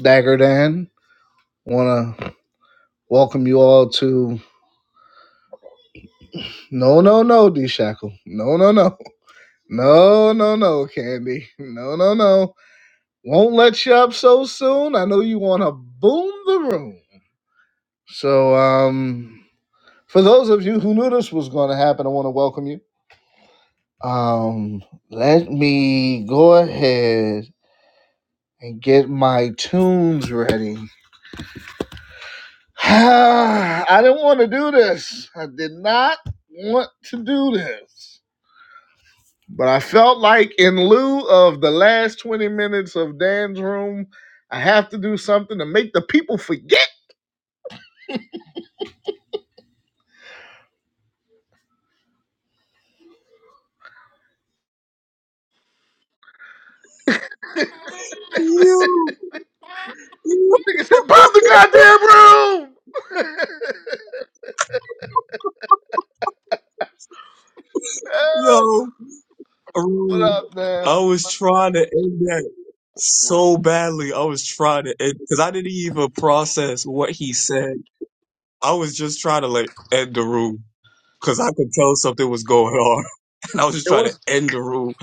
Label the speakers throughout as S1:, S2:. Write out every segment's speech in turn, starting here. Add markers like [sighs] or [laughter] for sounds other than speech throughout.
S1: Dagger Dan. Want to welcome you all to No, No, No, D Shackle. No, No, No. No, No, No, Candy. No, No, No. Won't let you up so soon. I know you want to boom the room. So, um, for those of you who knew this was going to happen, I want to welcome you. Um, let me go ahead and get my tunes ready. [sighs] I didn't want to do this. I did not want to do this. But I felt like, in lieu of the last 20 minutes of Dan's room, I have to do something to make the people forget.
S2: Yo, [laughs]
S1: [laughs] Nigga said, Pop the goddamn room! [laughs] Help!
S2: yo,
S1: what
S2: um,
S1: up, man?
S2: I was trying to end that
S1: Well,
S2: so badly. I was trying to end because I didn't even process what he said. I was just trying to like end the room because I could tell something was going on, [laughs] and I was just
S1: It
S2: trying to
S1: was,
S2: end the room.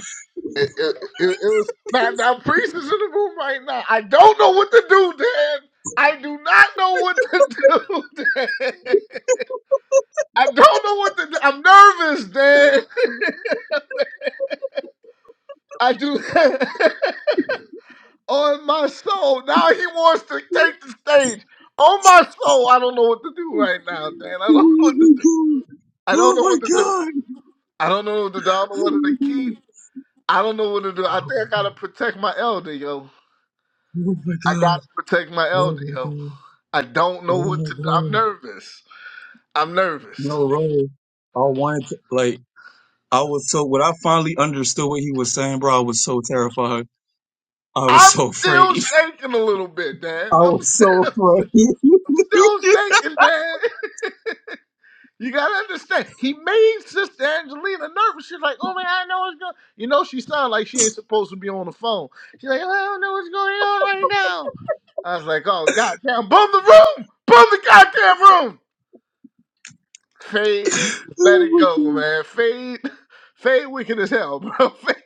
S1: it, it, it, it was, now, now Priest is in the room right now. I don't know what to do, Dan. I do not know what to do, [laughs] Dan. I don't know what to do. I'm nervous, Dan. [laughs] I do. [laughs] on my soul. Now he wants to take the stage. On my soul, I don't know what to do right now, Dan. I don't [laughs] know what to
S2: [laughs]
S1: do. I don't
S2: Oh
S1: know
S2: my
S1: what to do.
S2: god!
S1: I don't know what to do. I don't know what to keep.
S2: Oh
S1: I don't know what to do. I think I gotta protect my elder, yo.
S2: my
S1: I gotta
S2: god!
S1: protect my
S2: Oh
S1: elder,
S2: my god! Oh my
S1: yo.
S2: god!
S1: I don't know
S2: Oh
S1: what
S2: my
S1: to do. I'm
S2: god!
S1: nervous. I'm nervous.
S2: No, bro. I wanted to like. I was so when I finally understood what he was saying, bro, I was so terrified. I was
S1: I'm
S2: so
S1: still
S2: afraid.
S1: shaking a little bit,
S2: [laughs]
S1: Dan.
S2: I
S1: I'm
S2: was
S1: still,
S2: so
S1: [laughs]
S2: afraid. [laughs]
S1: I'm still shaking, Dan. You gotta understand. He made Sister Angelina nervous. She's like, "Oh man, I know what's going." You know, she sounded like she ain't supposed to be on the phone. She's like, "Oh, "I don't know what's going on right now." I was like, "Oh goddamn, Boom the room, Boom the goddamn room." Fade, he just let
S2: Oh
S1: it
S2: my
S1: go,
S2: God.
S1: man. Fade, [laughs] Fade, wicked as hell, bro. [laughs] Fade,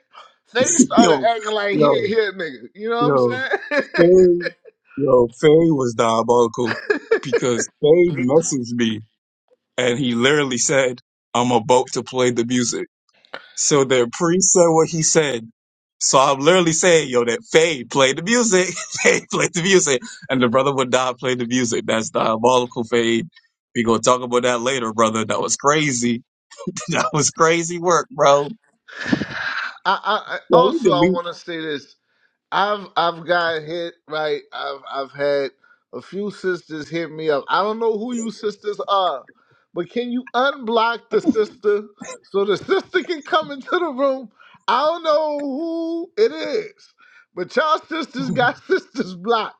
S1: Fade started
S2: yo,
S1: acting like he
S2: yo,
S1: ain't here, nigga. You know what I'm
S2: yo,
S1: saying? [laughs]
S2: Faye, yo, Faye was diabolical because Faye messaged me and he literally said, I'm about to play the music. So the priest said what he said. So I'm literally saying, yo, that Faye played the music. [laughs] Faye played the music. And the brother would die played the music. That's diabolical, Faye. We gonna talk about that later, brother. That was crazy. [laughs] that was crazy work, bro.
S1: I, I, I
S2: Yeah, we
S1: also I
S2: delete.
S1: want to say this. I've I've got hit right. I've I've had a few sisters hit me up. I don't know who you sisters are, but can you unblock the sister so the sister can come into the room? I don't know who it is, but y'all sisters got [laughs] sisters blocked.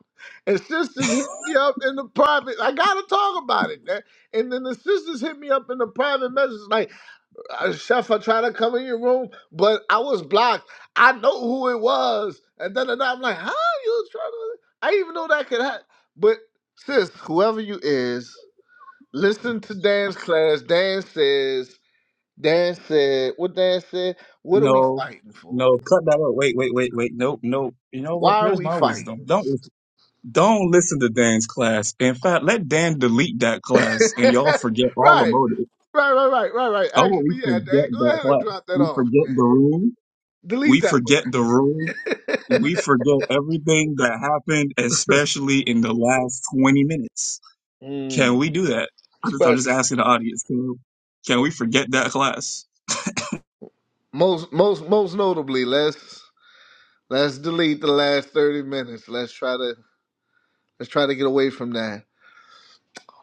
S1: And sisters hit me up in the private. I gotta talk about it, man. And then the sisters hit me up in the private message, like, a chef are trying to come in your room, but I was blocked. I know who it was. And then and I'm like, how you was trying to? I didn't even know that could happen. But sis, whoever you is, listen to Dan's class. Dan says, Dan said, what Dan said, what are we
S2: No,
S1: fighting for?
S2: no, cut that out. Wait, wait, wait, wait. Nope, nope. You know what?
S1: Why are
S2: Here's
S1: we
S2: my
S1: fighting?
S2: wisdom. Don't don't listen to Dan's class. In fact, let Dan delete that
S1: [laughs]
S2: class and y'all forget all
S1: right,
S2: about it.
S1: right, right, right, right, right.
S2: Oh,
S1: Actually,
S2: we
S1: yeah,
S2: forget
S1: Dan, go
S2: that
S1: ahead and
S2: class.
S1: drop that
S2: We
S1: off,
S2: forget
S1: man.
S2: the room
S1: Delete
S2: We
S1: that
S2: forget the rule. We forget everything that happened, especially in the last 20 minutes.
S1: one.
S2: Can
S1: Mm,
S2: we do that? I'm just, I'm just
S1: special.
S2: asking the audience. Can, can we forget that class?
S1: Most, most, most notably, Les. Let's delete the last 30 minutes. Let's try to let's try to get away from that.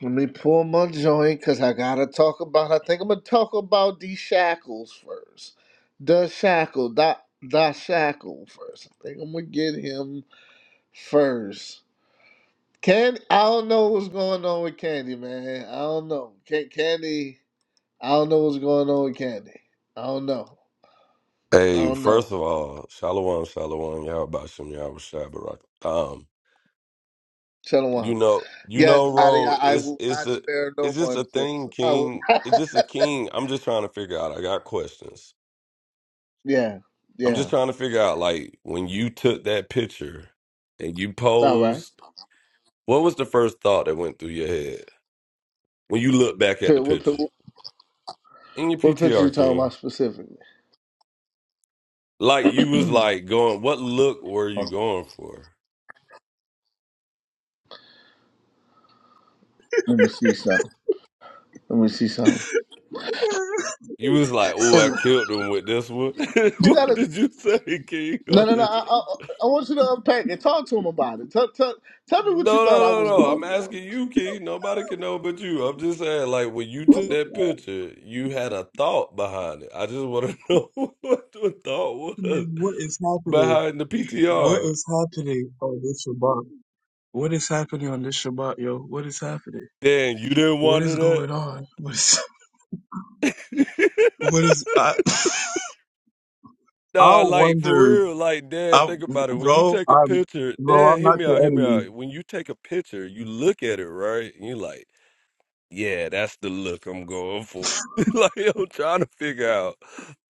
S1: Let me pull my joint because I gotta talk about I think I'm gonna talk about these shackles first. The shackle, dot the shackle first. I think I'm gonna get him first. Candy, I don't know what's going on with Candy, man. I don't know. Can, Candy, I don't know what's going on with Candy. I don't know. I
S3: Hey,
S1: don't know.
S3: first of all, Shalom, Shalom, y'all Bashim, y'all Rashad Barak. Um,
S1: Shut him
S3: you
S1: down.
S3: know, you
S1: Yes,
S3: know,
S1: I, I
S3: Ro,
S1: I
S3: it's
S1: will
S3: it's
S1: not
S3: a
S1: spare
S3: it's
S1: no
S3: just
S1: one,
S3: a
S1: sis.
S3: thing,
S1: I will.
S3: King. It's just a king. I'm just trying to figure out. I got questions.
S1: Yeah,
S3: I'm just
S1: yeah.
S3: trying to figure out, like, when you took that picture and you
S1: All right.
S3: posed, what was the first thought that went through your head when you look back at
S1: Pi-
S3: the
S1: What, pi-
S3: picture in your
S1: what picture you
S3: PTR,
S1: talking
S3: King?
S1: about specifically?
S3: Like you was
S1: [clears throat]
S3: like going, what look were
S1: Oh,
S3: you going for?
S1: Let me see something. Let me see something.
S3: You was like, "Oh, I
S1: And
S3: killed him with this one." [laughs]
S1: you
S3: What
S1: gotta
S3: did you say, King? [laughs]
S1: no no no. I, I, I want you to unpack it. Talk to him about it. Tell, tell, tell me what
S3: No,
S1: you
S3: no,
S1: thought I
S3: no,
S1: was
S3: no.
S1: going
S3: I'm
S1: for on
S3: asking
S1: this.
S3: you, King. Nobody can know but you. I'm just saying, like, when you
S2: What
S3: took that picture, you had a thought behind it. I just want to [laughs] know what the thought was
S2: is happening?
S3: behind the
S2: What
S3: PTR.
S2: is happening on this Shabbat? What is happening on this Shabbat, yo? What is happening?
S3: Dan, you didn't
S2: What is
S3: wonder that?
S2: going on? [laughs] What is,
S3: [laughs]
S2: what is, I, [laughs] I
S3: Nah, like for
S2: wondered,
S3: real, like Dan,
S2: I,
S3: think about it. When you
S2: bro,
S3: take a
S2: I'm,
S3: picture,
S2: bro,
S3: Dan,
S2: I'm
S3: hear
S2: not
S3: me
S2: the
S3: out, hear me
S2: enemy.
S3: out. When you take a picture, you look at it, right? And you're like, Yeah, that's the look I'm going for. [laughs] like I'm trying to figure out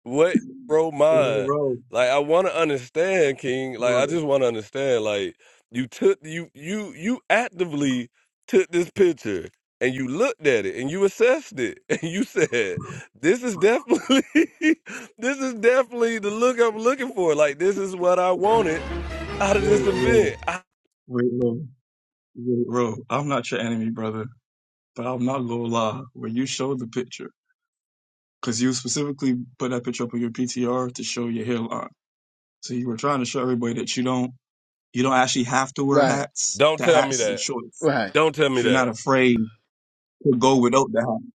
S3: what broke mine.
S2: Bro,
S3: Like I want to understand, King. Like
S2: bro.
S3: I just want to understand. Like you took you you you actively took this picture and you looked at it and you assessed it [laughs] and you said, "This is definitely [laughs] this is definitely the look I'm looking for. Like this is what I wanted out
S2: Wait,
S3: of this
S2: wait,
S3: event." I,
S2: wait, Lord. Wait, bro, I'm not your enemy, brother, but I'm not gonna lie. When you showed the picture, because you specifically put that picture up on your PTR to show your hairline, so you were trying to show everybody that you don't, you don't actually have to wear
S1: Right.
S2: hats.
S3: don't
S2: The
S3: tell me
S2: hats is a
S3: that.
S2: choice.
S1: Right.
S3: Don't tell me
S2: You're
S3: that.
S2: not afraid to go without the hat.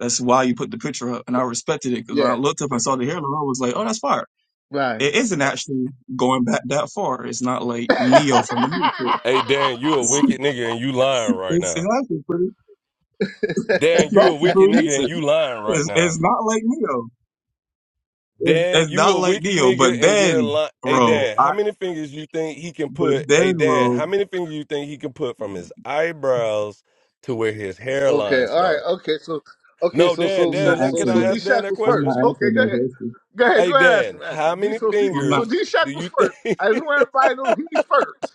S2: That's why you put the picture up, and I respected it because when I
S1: Yeah.
S2: looked up and saw the hairline, I was like, oh, that's fire.
S1: Right.
S2: It isn't actually going back that far. It's not like Neo from the Matrix.
S3: Hey, Dan, you a wicked
S2: [laughs]
S3: nigga and you lying right
S2: It's, it's
S3: now.
S2: actually pretty It's
S3: Dan, you
S2: not
S3: a
S1: [laughs]
S3: wicked nigga
S2: Sucrunisa.
S3: and you lying right
S2: It's, it's
S3: now.
S2: not like Neo. It's,
S3: Dan,
S2: it's
S3: you
S2: not
S3: a
S2: like
S3: wicked
S2: Neo.
S3: nigga
S2: But
S3: and you're
S2: then,
S3: lying. Hey,
S2: bro,
S3: Dan,
S2: I,
S3: how many fingers you think he can
S2: but
S3: put?
S2: then,
S3: Hey, Dan,
S2: bro,
S3: how many fingers you think he can put from his eyebrows to where his
S1: Okay,
S3: hairline
S1: all right,
S3: start?
S1: okay, so okay,
S3: No,
S1: so
S3: Dan,
S1: so
S2: I'm not
S3: Dan,
S1: so
S3: let,
S1: so
S3: can
S2: answering
S1: so
S3: I
S2: that.
S1: D
S3: ask Dan
S1: Shack
S3: that
S1: was
S2: I'm not
S3: question?
S1: first. Okay,
S2: answering
S1: go
S2: that
S1: ahead.
S2: question.
S1: Go ahead, go
S3: Hey,
S1: ahead, ask
S3: Dan,
S1: him, ask
S3: how
S1: him. D
S3: many
S1: so D,
S2: I'm
S1: so
S2: not.
S1: D
S3: fingers
S1: Shack
S3: do
S1: was
S3: you
S1: first.
S3: think?
S1: I just want everybody to know he's first.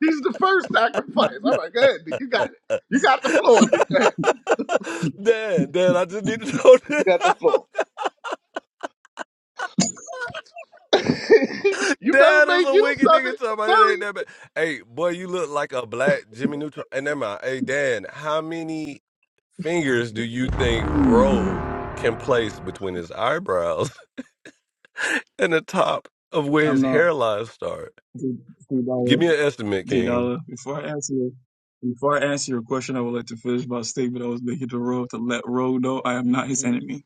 S1: He's the first sacrifice. All right, go ahead, D. You got it. You got the floor, D. Go ahead.
S3: [laughs] Dan, Dan, I just need to know.
S1: You
S3: [laughs]
S1: got the
S3: this.
S1: floor. [laughs] you better
S3: Dad is
S1: make
S3: a
S1: use
S3: wicked
S1: of
S3: nigga
S1: it.
S3: talking
S1: I'm
S3: about it ain't
S1: telling
S3: that bad. Hey, boy, you look like a black Jimmy Neutron. And never mind. Hey, Dan, how many fingers do you think Roe can place between his eyebrows [laughs] and the top of where
S2: I'm
S3: his
S2: not.
S3: hairline start?
S2: Dude, Dude, dollar.
S3: Give me an estimate,
S2: D
S3: King.
S2: dollar. Before I answer your, before I answer your question, I would like to finish my statement I was making to Ro to let Ro know I am
S1: you.
S2: not his
S1: Mhm.
S2: enemy,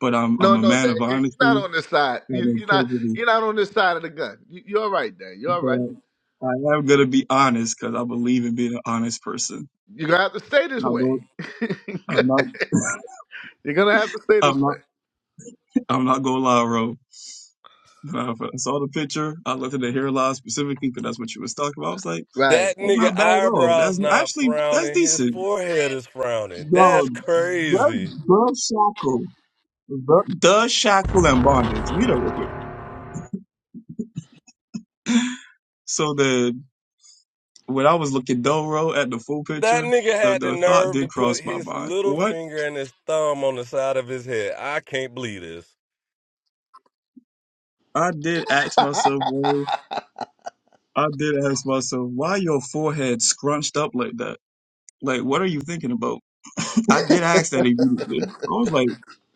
S2: but I'm I'm
S1: No,
S2: a
S1: no,
S2: man
S1: Dad.
S2: of
S1: You, you're not
S2: honesty
S1: on this side. You,
S2: and
S1: you're not.
S2: integrity.
S1: You're not on this side of the gun. You, you're all right, Dad. You're all right.
S2: But I am gonna be honest because I believe in being an honest person.
S1: You're gonna have to stay this
S2: Not
S1: way.
S2: go,
S1: [laughs]
S2: I'm not.
S1: you're gonna have to stay this
S2: I'm
S1: way.
S2: not. [laughs] I'm not gonna lie, bro. When I when I saw the picture. I looked at the hairline specifically because that's what you was talking about. I was like,
S1: Right.
S3: That
S2: that's
S3: nigga
S2: not bad at all.
S3: eyebrows
S2: That's
S3: not
S2: actually that's
S3: frowning. His
S2: decent.
S3: forehead is frowning.
S2: Yo,
S3: That's
S2: the,
S3: crazy.
S2: the shackle, the, the shackle and bondage. Meet up real quick. So the when I was looking Doro at the full
S3: That
S2: picture,
S3: nigga
S2: the
S3: had the
S2: the thought
S3: nerve to
S2: did
S3: put
S2: cross my
S3: his
S2: mind.
S3: little
S2: What
S3: finger and his thumb on the side of his head. I can't believe this.
S2: I did
S1: [laughs]
S2: ask myself was I did ask myself, why your forehead scrunched up like that? Like, what are you thinking about? [laughs] I did ask that immediately. I was like,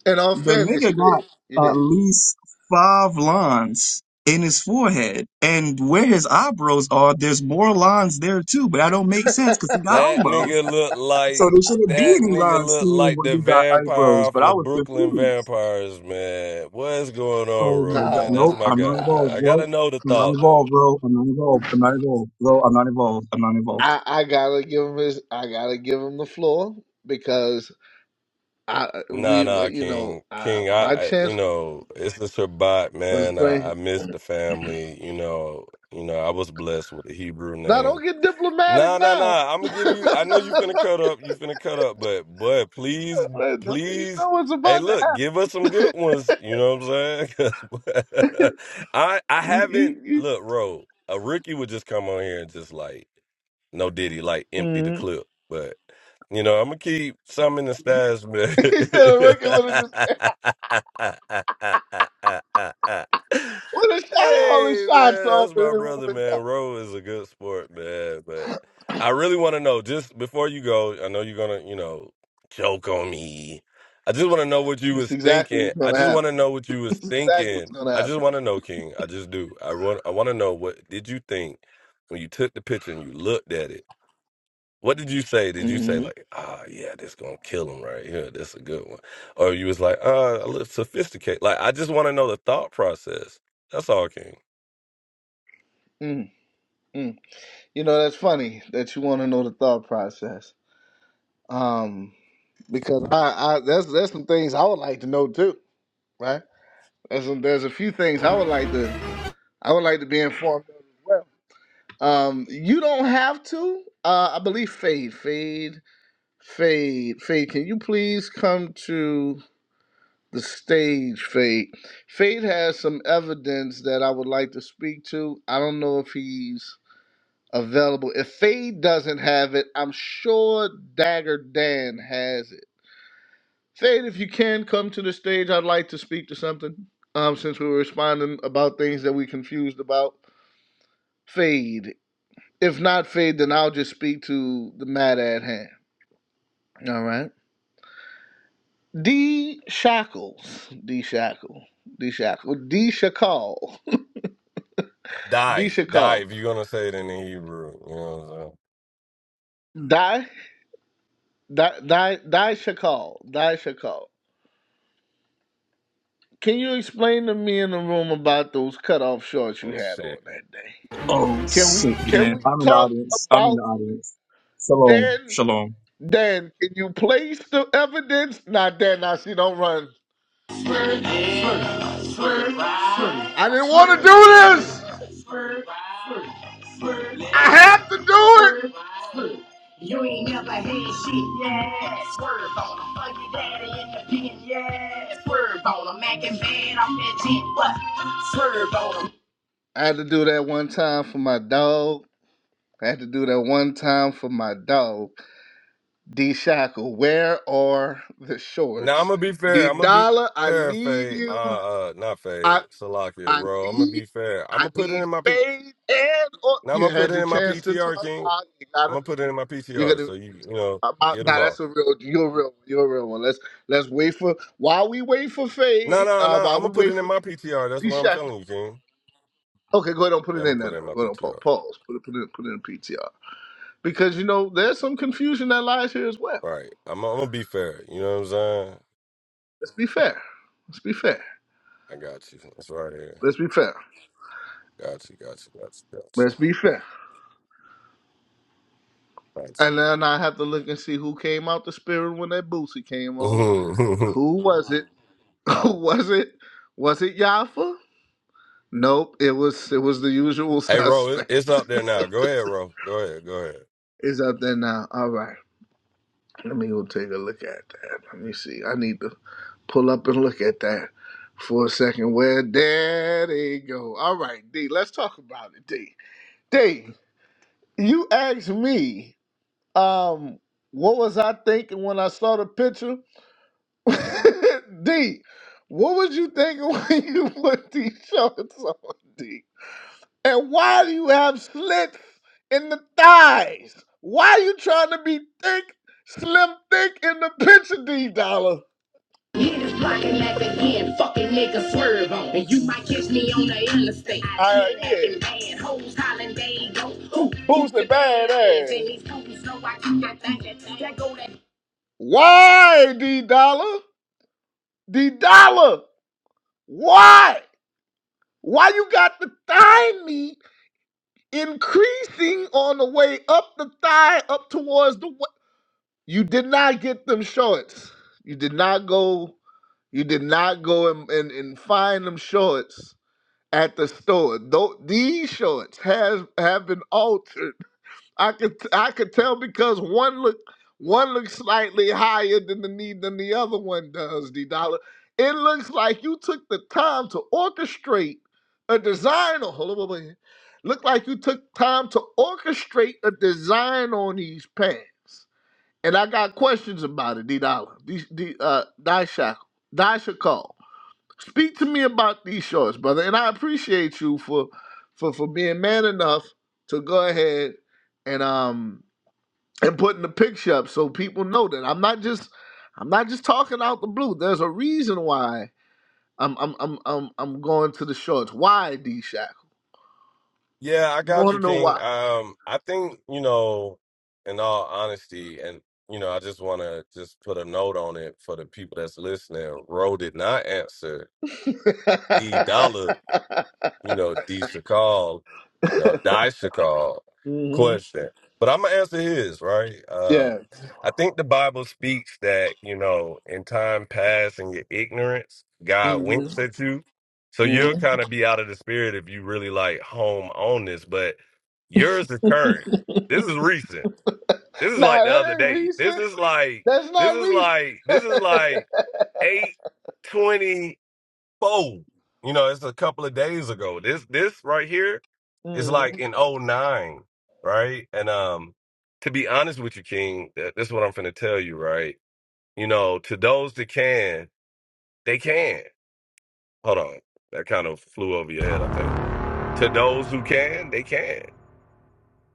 S1: In all
S2: the
S1: fairness,
S2: nigga
S1: you did. You
S2: got at
S1: did.
S2: least five lines in his forehead. And where his eyebrows are, there's more lines there too, but that don't make sense because he got
S3: That
S2: eyebrows.
S3: nigga look
S2: So
S3: like
S2: there shouldn't be
S3: that
S2: any
S3: nigga
S2: lines
S3: look
S2: seeing
S3: like
S2: where
S3: the
S2: you got eyebrows,
S3: vampire
S2: but
S3: for
S2: I was
S3: Brooklyn
S2: confused.
S3: Vampires, man. What is going on,
S2: Oh
S1: [laughs]
S2: my
S3: bro,
S2: god.
S3: man?
S1: oh
S3: That's
S2: Nope,
S1: my
S3: my
S2: I'm not
S3: guy, man.
S1: god.
S2: involved,
S3: I
S2: bro.
S3: gotta know the
S2: I'm not
S3: thought
S2: involved,
S3: though.
S2: bro. I'm not involved. I'm not involved, bro. I'm not involved. I'm not involved.
S1: I, I gotta give him his. I gotta give him the floor because I we
S3: Nah, nah,
S1: you know
S3: King,
S1: uh,
S3: King. I,
S1: my
S3: I you
S1: chance
S3: know, it's the Shabbat,
S1: was
S3: man. I, I
S1: playing.
S3: miss the family. You know, you know, I was blessed with a Hebrew
S1: Now
S3: name.
S1: don't get diplomatic
S3: Nah, nah,
S1: now.
S3: nah.
S1: [laughs]
S3: I'm gonna
S1: you
S3: give you. I know you finna cut up. You finna cut up, but boy, please,
S1: know
S3: please.
S1: what's
S3: Hey,
S1: about to
S3: look,
S1: happen.
S3: give us some good ones. You know what I'm saying? [laughs] 'Cause boy, I I
S1: You,
S3: haven't
S1: you, you.
S3: look, Ro. A rookie would just come on here and just like no diddy, like empty the
S1: Mhm.
S3: clip. But you know, I'm gonna keep some in the stash,
S1: [laughs] Instead of working with it, [laughs] just
S3: man. [laughs]
S1: would have shot all his
S3: Hey
S1: shots
S3: man,
S1: off
S3: that's my
S1: and it would have
S3: brother,
S1: been
S3: man.
S1: done.
S3: Ro is a good sport, man. But I really want to know, just before you go, I know you're gonna, you know, choke on me. I just want to know what you
S1: It's
S3: was
S1: exactly
S3: thinking.
S1: what's
S3: I
S1: gonna
S3: just want
S1: happen.
S3: to
S1: [laughs]
S3: know what you was
S1: It's exactly what's
S3: thinking.
S1: gonna
S3: I just want to know, King. I just do. I want. I want to know what did you think when you took the picture and you looked at it. What did you say? Did you
S1: happen.
S3: say like, ah, yeah, this gonna kill him right here. That's a good one. Or you was like, ah, I look sophisticated. Like, I just want to know the thought process. That's all, King.
S1: Mm, mm. You know, that's funny that you want to know the thought process. Um, because I, I that's that's some things I would like to know too, right? There's some, there's a few things I would like to I would like to be informed of as well. Um, you don't have to. Uh, I believe Fade, Fade, Fade, Fade. Can you please come to the stage, Fade? Fade has some evidence that I would like to speak to. I don't know if he's available. If Fade doesn't have it, I'm sure Dagger Dan has it. Fade, if you can come to the stage, I'd like to speak to something. Um, since we were responding about things that we confused about, Fade. If not Fade, then I'll just speak to the matter at hand. All right. D Shackles. D Shackle. D Shackle. D Shackle. [laughs] D
S3: Die, die.
S1: Shackle.
S3: If you're gonna say it in the Hebrew, you know what I'm saying?
S1: Die. Die. Die. Die Shackle. Die Shackle. Can you explain to me in the room about those cutoff shorts you
S3: Oh
S1: had
S3: shit.
S1: on that day?
S2: Oh,
S1: Can we
S2: shoot. And
S1: can
S2: then
S1: we
S2: I'm in the
S1: talk
S2: audience. I'm in the
S1: about
S2: audience. Shalom.
S1: Dan?
S2: Shalom.
S1: Dan, can you place the evidence? Not Dan. I see. Don't run. Swerve, swerve, swerve, swerve. I didn't want to do this. Swerve, swerve, swerve, I had to do swerve, swerve. You ain't never had shit, yeah. Swerve on him, fuck your daddy in the pen, yeah. Swerve on him, Mac and Van, I'm legit, what? Swerve on him. it. I had to do that one time for my dog. I had to do that one time for my dog. D Shackle, where are the
S3: Now I'm
S1: shorts?
S3: gonna be
S1: D
S3: fair. I'm gonna be
S1: Dollar, I
S3: fair,
S1: need
S3: Faye.
S1: you.
S3: Uh, uh not Faye.
S1: I
S3: Salakia,
S1: I
S3: bro. I'm gonna
S1: need
S3: be fair. I'm
S1: I
S3: gonna put it
S1: need
S3: in my P.
S1: faith and oh,
S3: Now I'm
S1: you
S3: gonna put
S1: had
S3: it
S1: your
S3: in my
S1: chance to
S3: PTR,
S1: talk.
S3: King.
S1: Uh, you
S3: I'm
S1: gotta
S3: gonna put it in my
S1: you're
S3: PTR.
S1: gonna
S3: So you, you know,
S1: uh, uh,
S3: get them
S1: nah,
S3: all.
S1: that's a real you're a real you're a real one. Let's let's wait for while we wait for
S3: No,
S1: faith
S3: no,
S1: uh
S3: no. I'm
S1: while
S3: gonna
S1: we
S3: put
S1: wait
S3: it in
S1: for
S3: my PTR. That's what I'm
S1: Disha.
S3: telling you, King.
S1: Okay, go ahead and put
S3: Yeah,
S1: it
S3: I'm gonna
S1: in there.
S3: put it
S1: now.
S3: in my
S1: Go ahead and pa-
S3: PTR.
S1: pause. Put it put it put it in PTR. Because you know, there's some confusion that lies here as well.
S3: Right. i right. I'm, I'm gonna be fair. You know what I'm saying?
S1: Let's be fair. Let's be fair.
S3: I got you. It's right here.
S1: Let's be fair.
S3: Got you. Got you. Got you.
S1: Let's be fair.
S3: Got you.
S1: And then I have to look and see who came out the spirit when that Boosie came on.
S3: Got you. [laughs]
S1: Who was it? [laughs] was it was it Yafa? Nope, it was it was the usual
S3: Hey, Ro, it's, it's
S1: suspect.
S3: up
S1: [laughs]
S3: there now. Go ahead, Ro. Go ahead. Go ahead.
S1: Is up there now. All right. Let me go take a look at that. Let me see. I need to pull up and look at that for a second. Where there they go. All right, D, let's talk about it, D. D, you asked me, um, what was I thinking when I saw the picture? [laughs] D, what was you thinking [laughs] when you put these shorts on, D? And why do you have slits in the thighs? Why are you trying to be thick, slim, thick in the picture, D Dollar? Niggas blocking back again, fucking niggas swerve on. And you might catch me on the interstate. Uh, yeah. Bad hoes hollering, they go. Who- Who's the bad ass? Why, D Dollar? D Dollar, why? Why you got to find me increasing on the way up the thigh, up towards the. wa- You did not get them shorts. You did not go. You did not go and, and, and find them shorts at the store. Tho- these shorts has have been altered I could I could tell because one look one looks slightly higher than the need than the other one does, D Dollar. It looks like you took the time to orchestrate a design on hold on, hold on. Look like you took time to orchestrate a design on these pants. And I got questions about it, D Dollar. D, D uh Dasha. Dasha Speak to me about these shorts, brother. And I appreciate you for for for being man enough to go ahead and um and putting the picture up so people know that I'm not just I'm not just talking out the blue. There's a reason why I'm I'm I'm I'm, I'm going to the shorts. Why D Shack?
S3: Yeah, I got
S1: Want
S3: you,
S1: to know
S3: King.
S1: why?
S3: Um, I think you know, in all honesty, and you know, I just want to just put a note on it for the people that's listening. Ro did not answer
S1: [laughs]
S3: D Dollar you know, D. Sakal, you know, Die Sakal
S1: hmm
S3: question. But I'm gonna answer his, right? Uh
S1: Yeah.
S3: I think the Bible speaks that, you know, in time past in your ignorance, God
S1: hmm
S3: winks at you. So
S1: hmm
S3: you'll kind of be out of the spirit if you really like home on this, but yours is current. This is recent. This is like
S1: Nah,
S3: the other
S1: that ain't
S3: day. This
S1: recent.
S3: is like
S1: That's
S3: this
S1: not
S3: is
S1: recent.
S3: like this is like eight twenty four. You know, it's a couple of days ago. This this right here is
S1: hmm
S3: like in '09, right? And um, to be honest with you, King, that, that's what I'm finna tell you, right? You know, to those that can, they can. Hold on, that kind of flew over your head, I think. To those who can, they can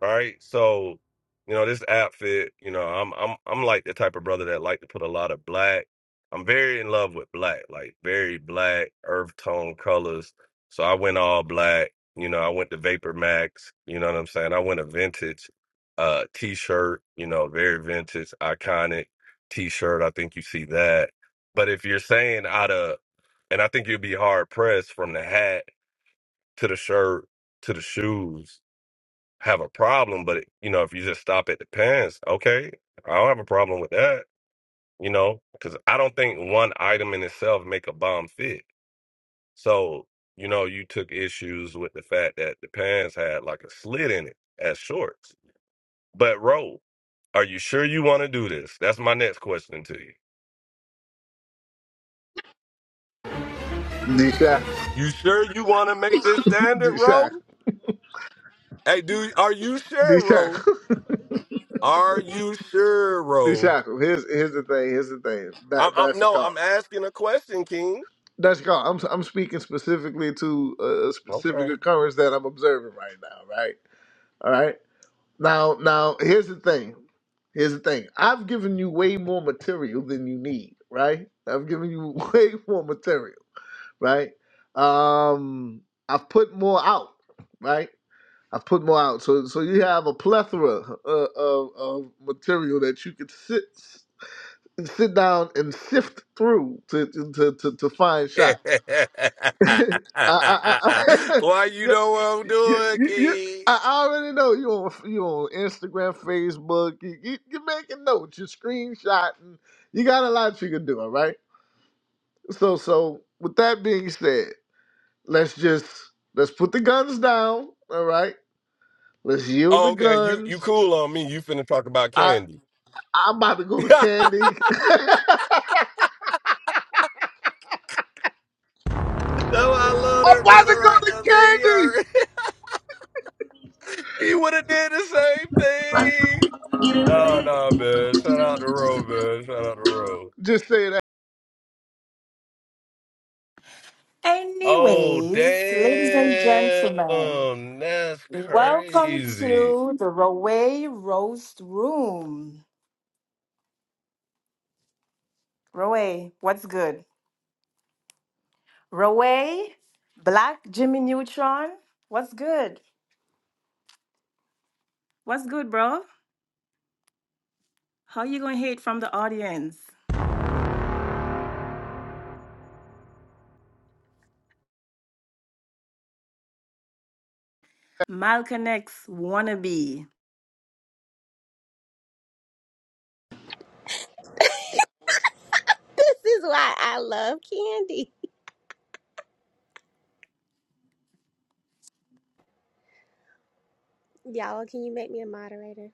S3: right? So, you know, this outfit, you know, I'm I'm I'm like the type of brother that like to put a lot of black. I'm very in love with black, like very black, earth tone colors. So I went all black. You know, I went to Vapor Max. You know what I'm saying? I went a vintage uh t-shirt. You know, very vintage, iconic t-shirt. I think you see that. But if you're saying out of, and I think you'd be hard pressed from the hat to the shirt to the shoes have a problem, but you know, if you just stop at the pants, okay, I don't have a problem with that, you know, because I don't think one item in itself make a bomb fit. So, you know, you took issues with the fact that the pants had like a slit in it as shorts. But Ro, are you sure you want to do this? That's my next question to you.
S1: D
S3: You sure you want to make this standard,
S1: Shack. [laughs]
S3: Ro? Hey, do are you
S1: D
S3: sure, Ro?
S1: Shackle.
S3: Are you sure,
S1: [laughs] D
S3: Ro?
S1: Shackle. Here's here's the thing. Here's the thing.
S3: I'm,
S1: That
S3: I'm
S1: that's your
S3: no,
S1: call.
S3: I'm asking a question, King.
S1: That's your call. I'm I'm speaking specifically to a
S3: Okay.
S1: specific occurrence that I'm observing right now. Right. All right. Now now here's the thing. Here's the thing. I've given you way more material than you need. Right. I've given you [laughs] way more material. Right. Um. I've put more out. Right. I've put more out. So so you have a plethora uh, of of material that you could sit. and sit down and sift through to to to, to, find
S3: [laughs] Why
S1: shots. [laughs] I, I, I, [laughs]
S3: you
S1: yeah
S3: know what I'm
S1: you,
S3: doing,
S1: you, you-
S3: King?
S1: I already know you on you on Instagram, Facebook. You, you, you're making notes. You're screenshotting. You got a lot you can do. All right. So so with that being said, let's just let's put the guns down. All right. Let's yield
S3: Oh,
S1: the
S3: okay, you you
S1: guns.
S3: cool on me. You finna talk about
S1: I
S3: candy.
S1: I'm about to go
S3: [laughs]
S1: to
S3: no,
S1: Candy. [laughs] I'm
S3: I love that
S1: about to
S3: brother
S1: go
S3: right now, man. He
S1: to
S3: already [laughs] he would have did the same thing. Nah,
S1: Candy.
S3: nah, man. Shout out to Ro, man. Shout out to Ro.
S1: Just say it
S3: Oh,
S4: Anyways, ladies and gentlemen,
S3: damn. That's
S4: welcome
S3: crazy.
S4: to the Roe Roast Room. Roe, what's good? Roe, Black Jimmy Neutron, what's good? What's good, bro? How you gonna hate from the audience? Malcolm X wannabe.
S5: This is why I love candy. Y'all, can you make me a moderator?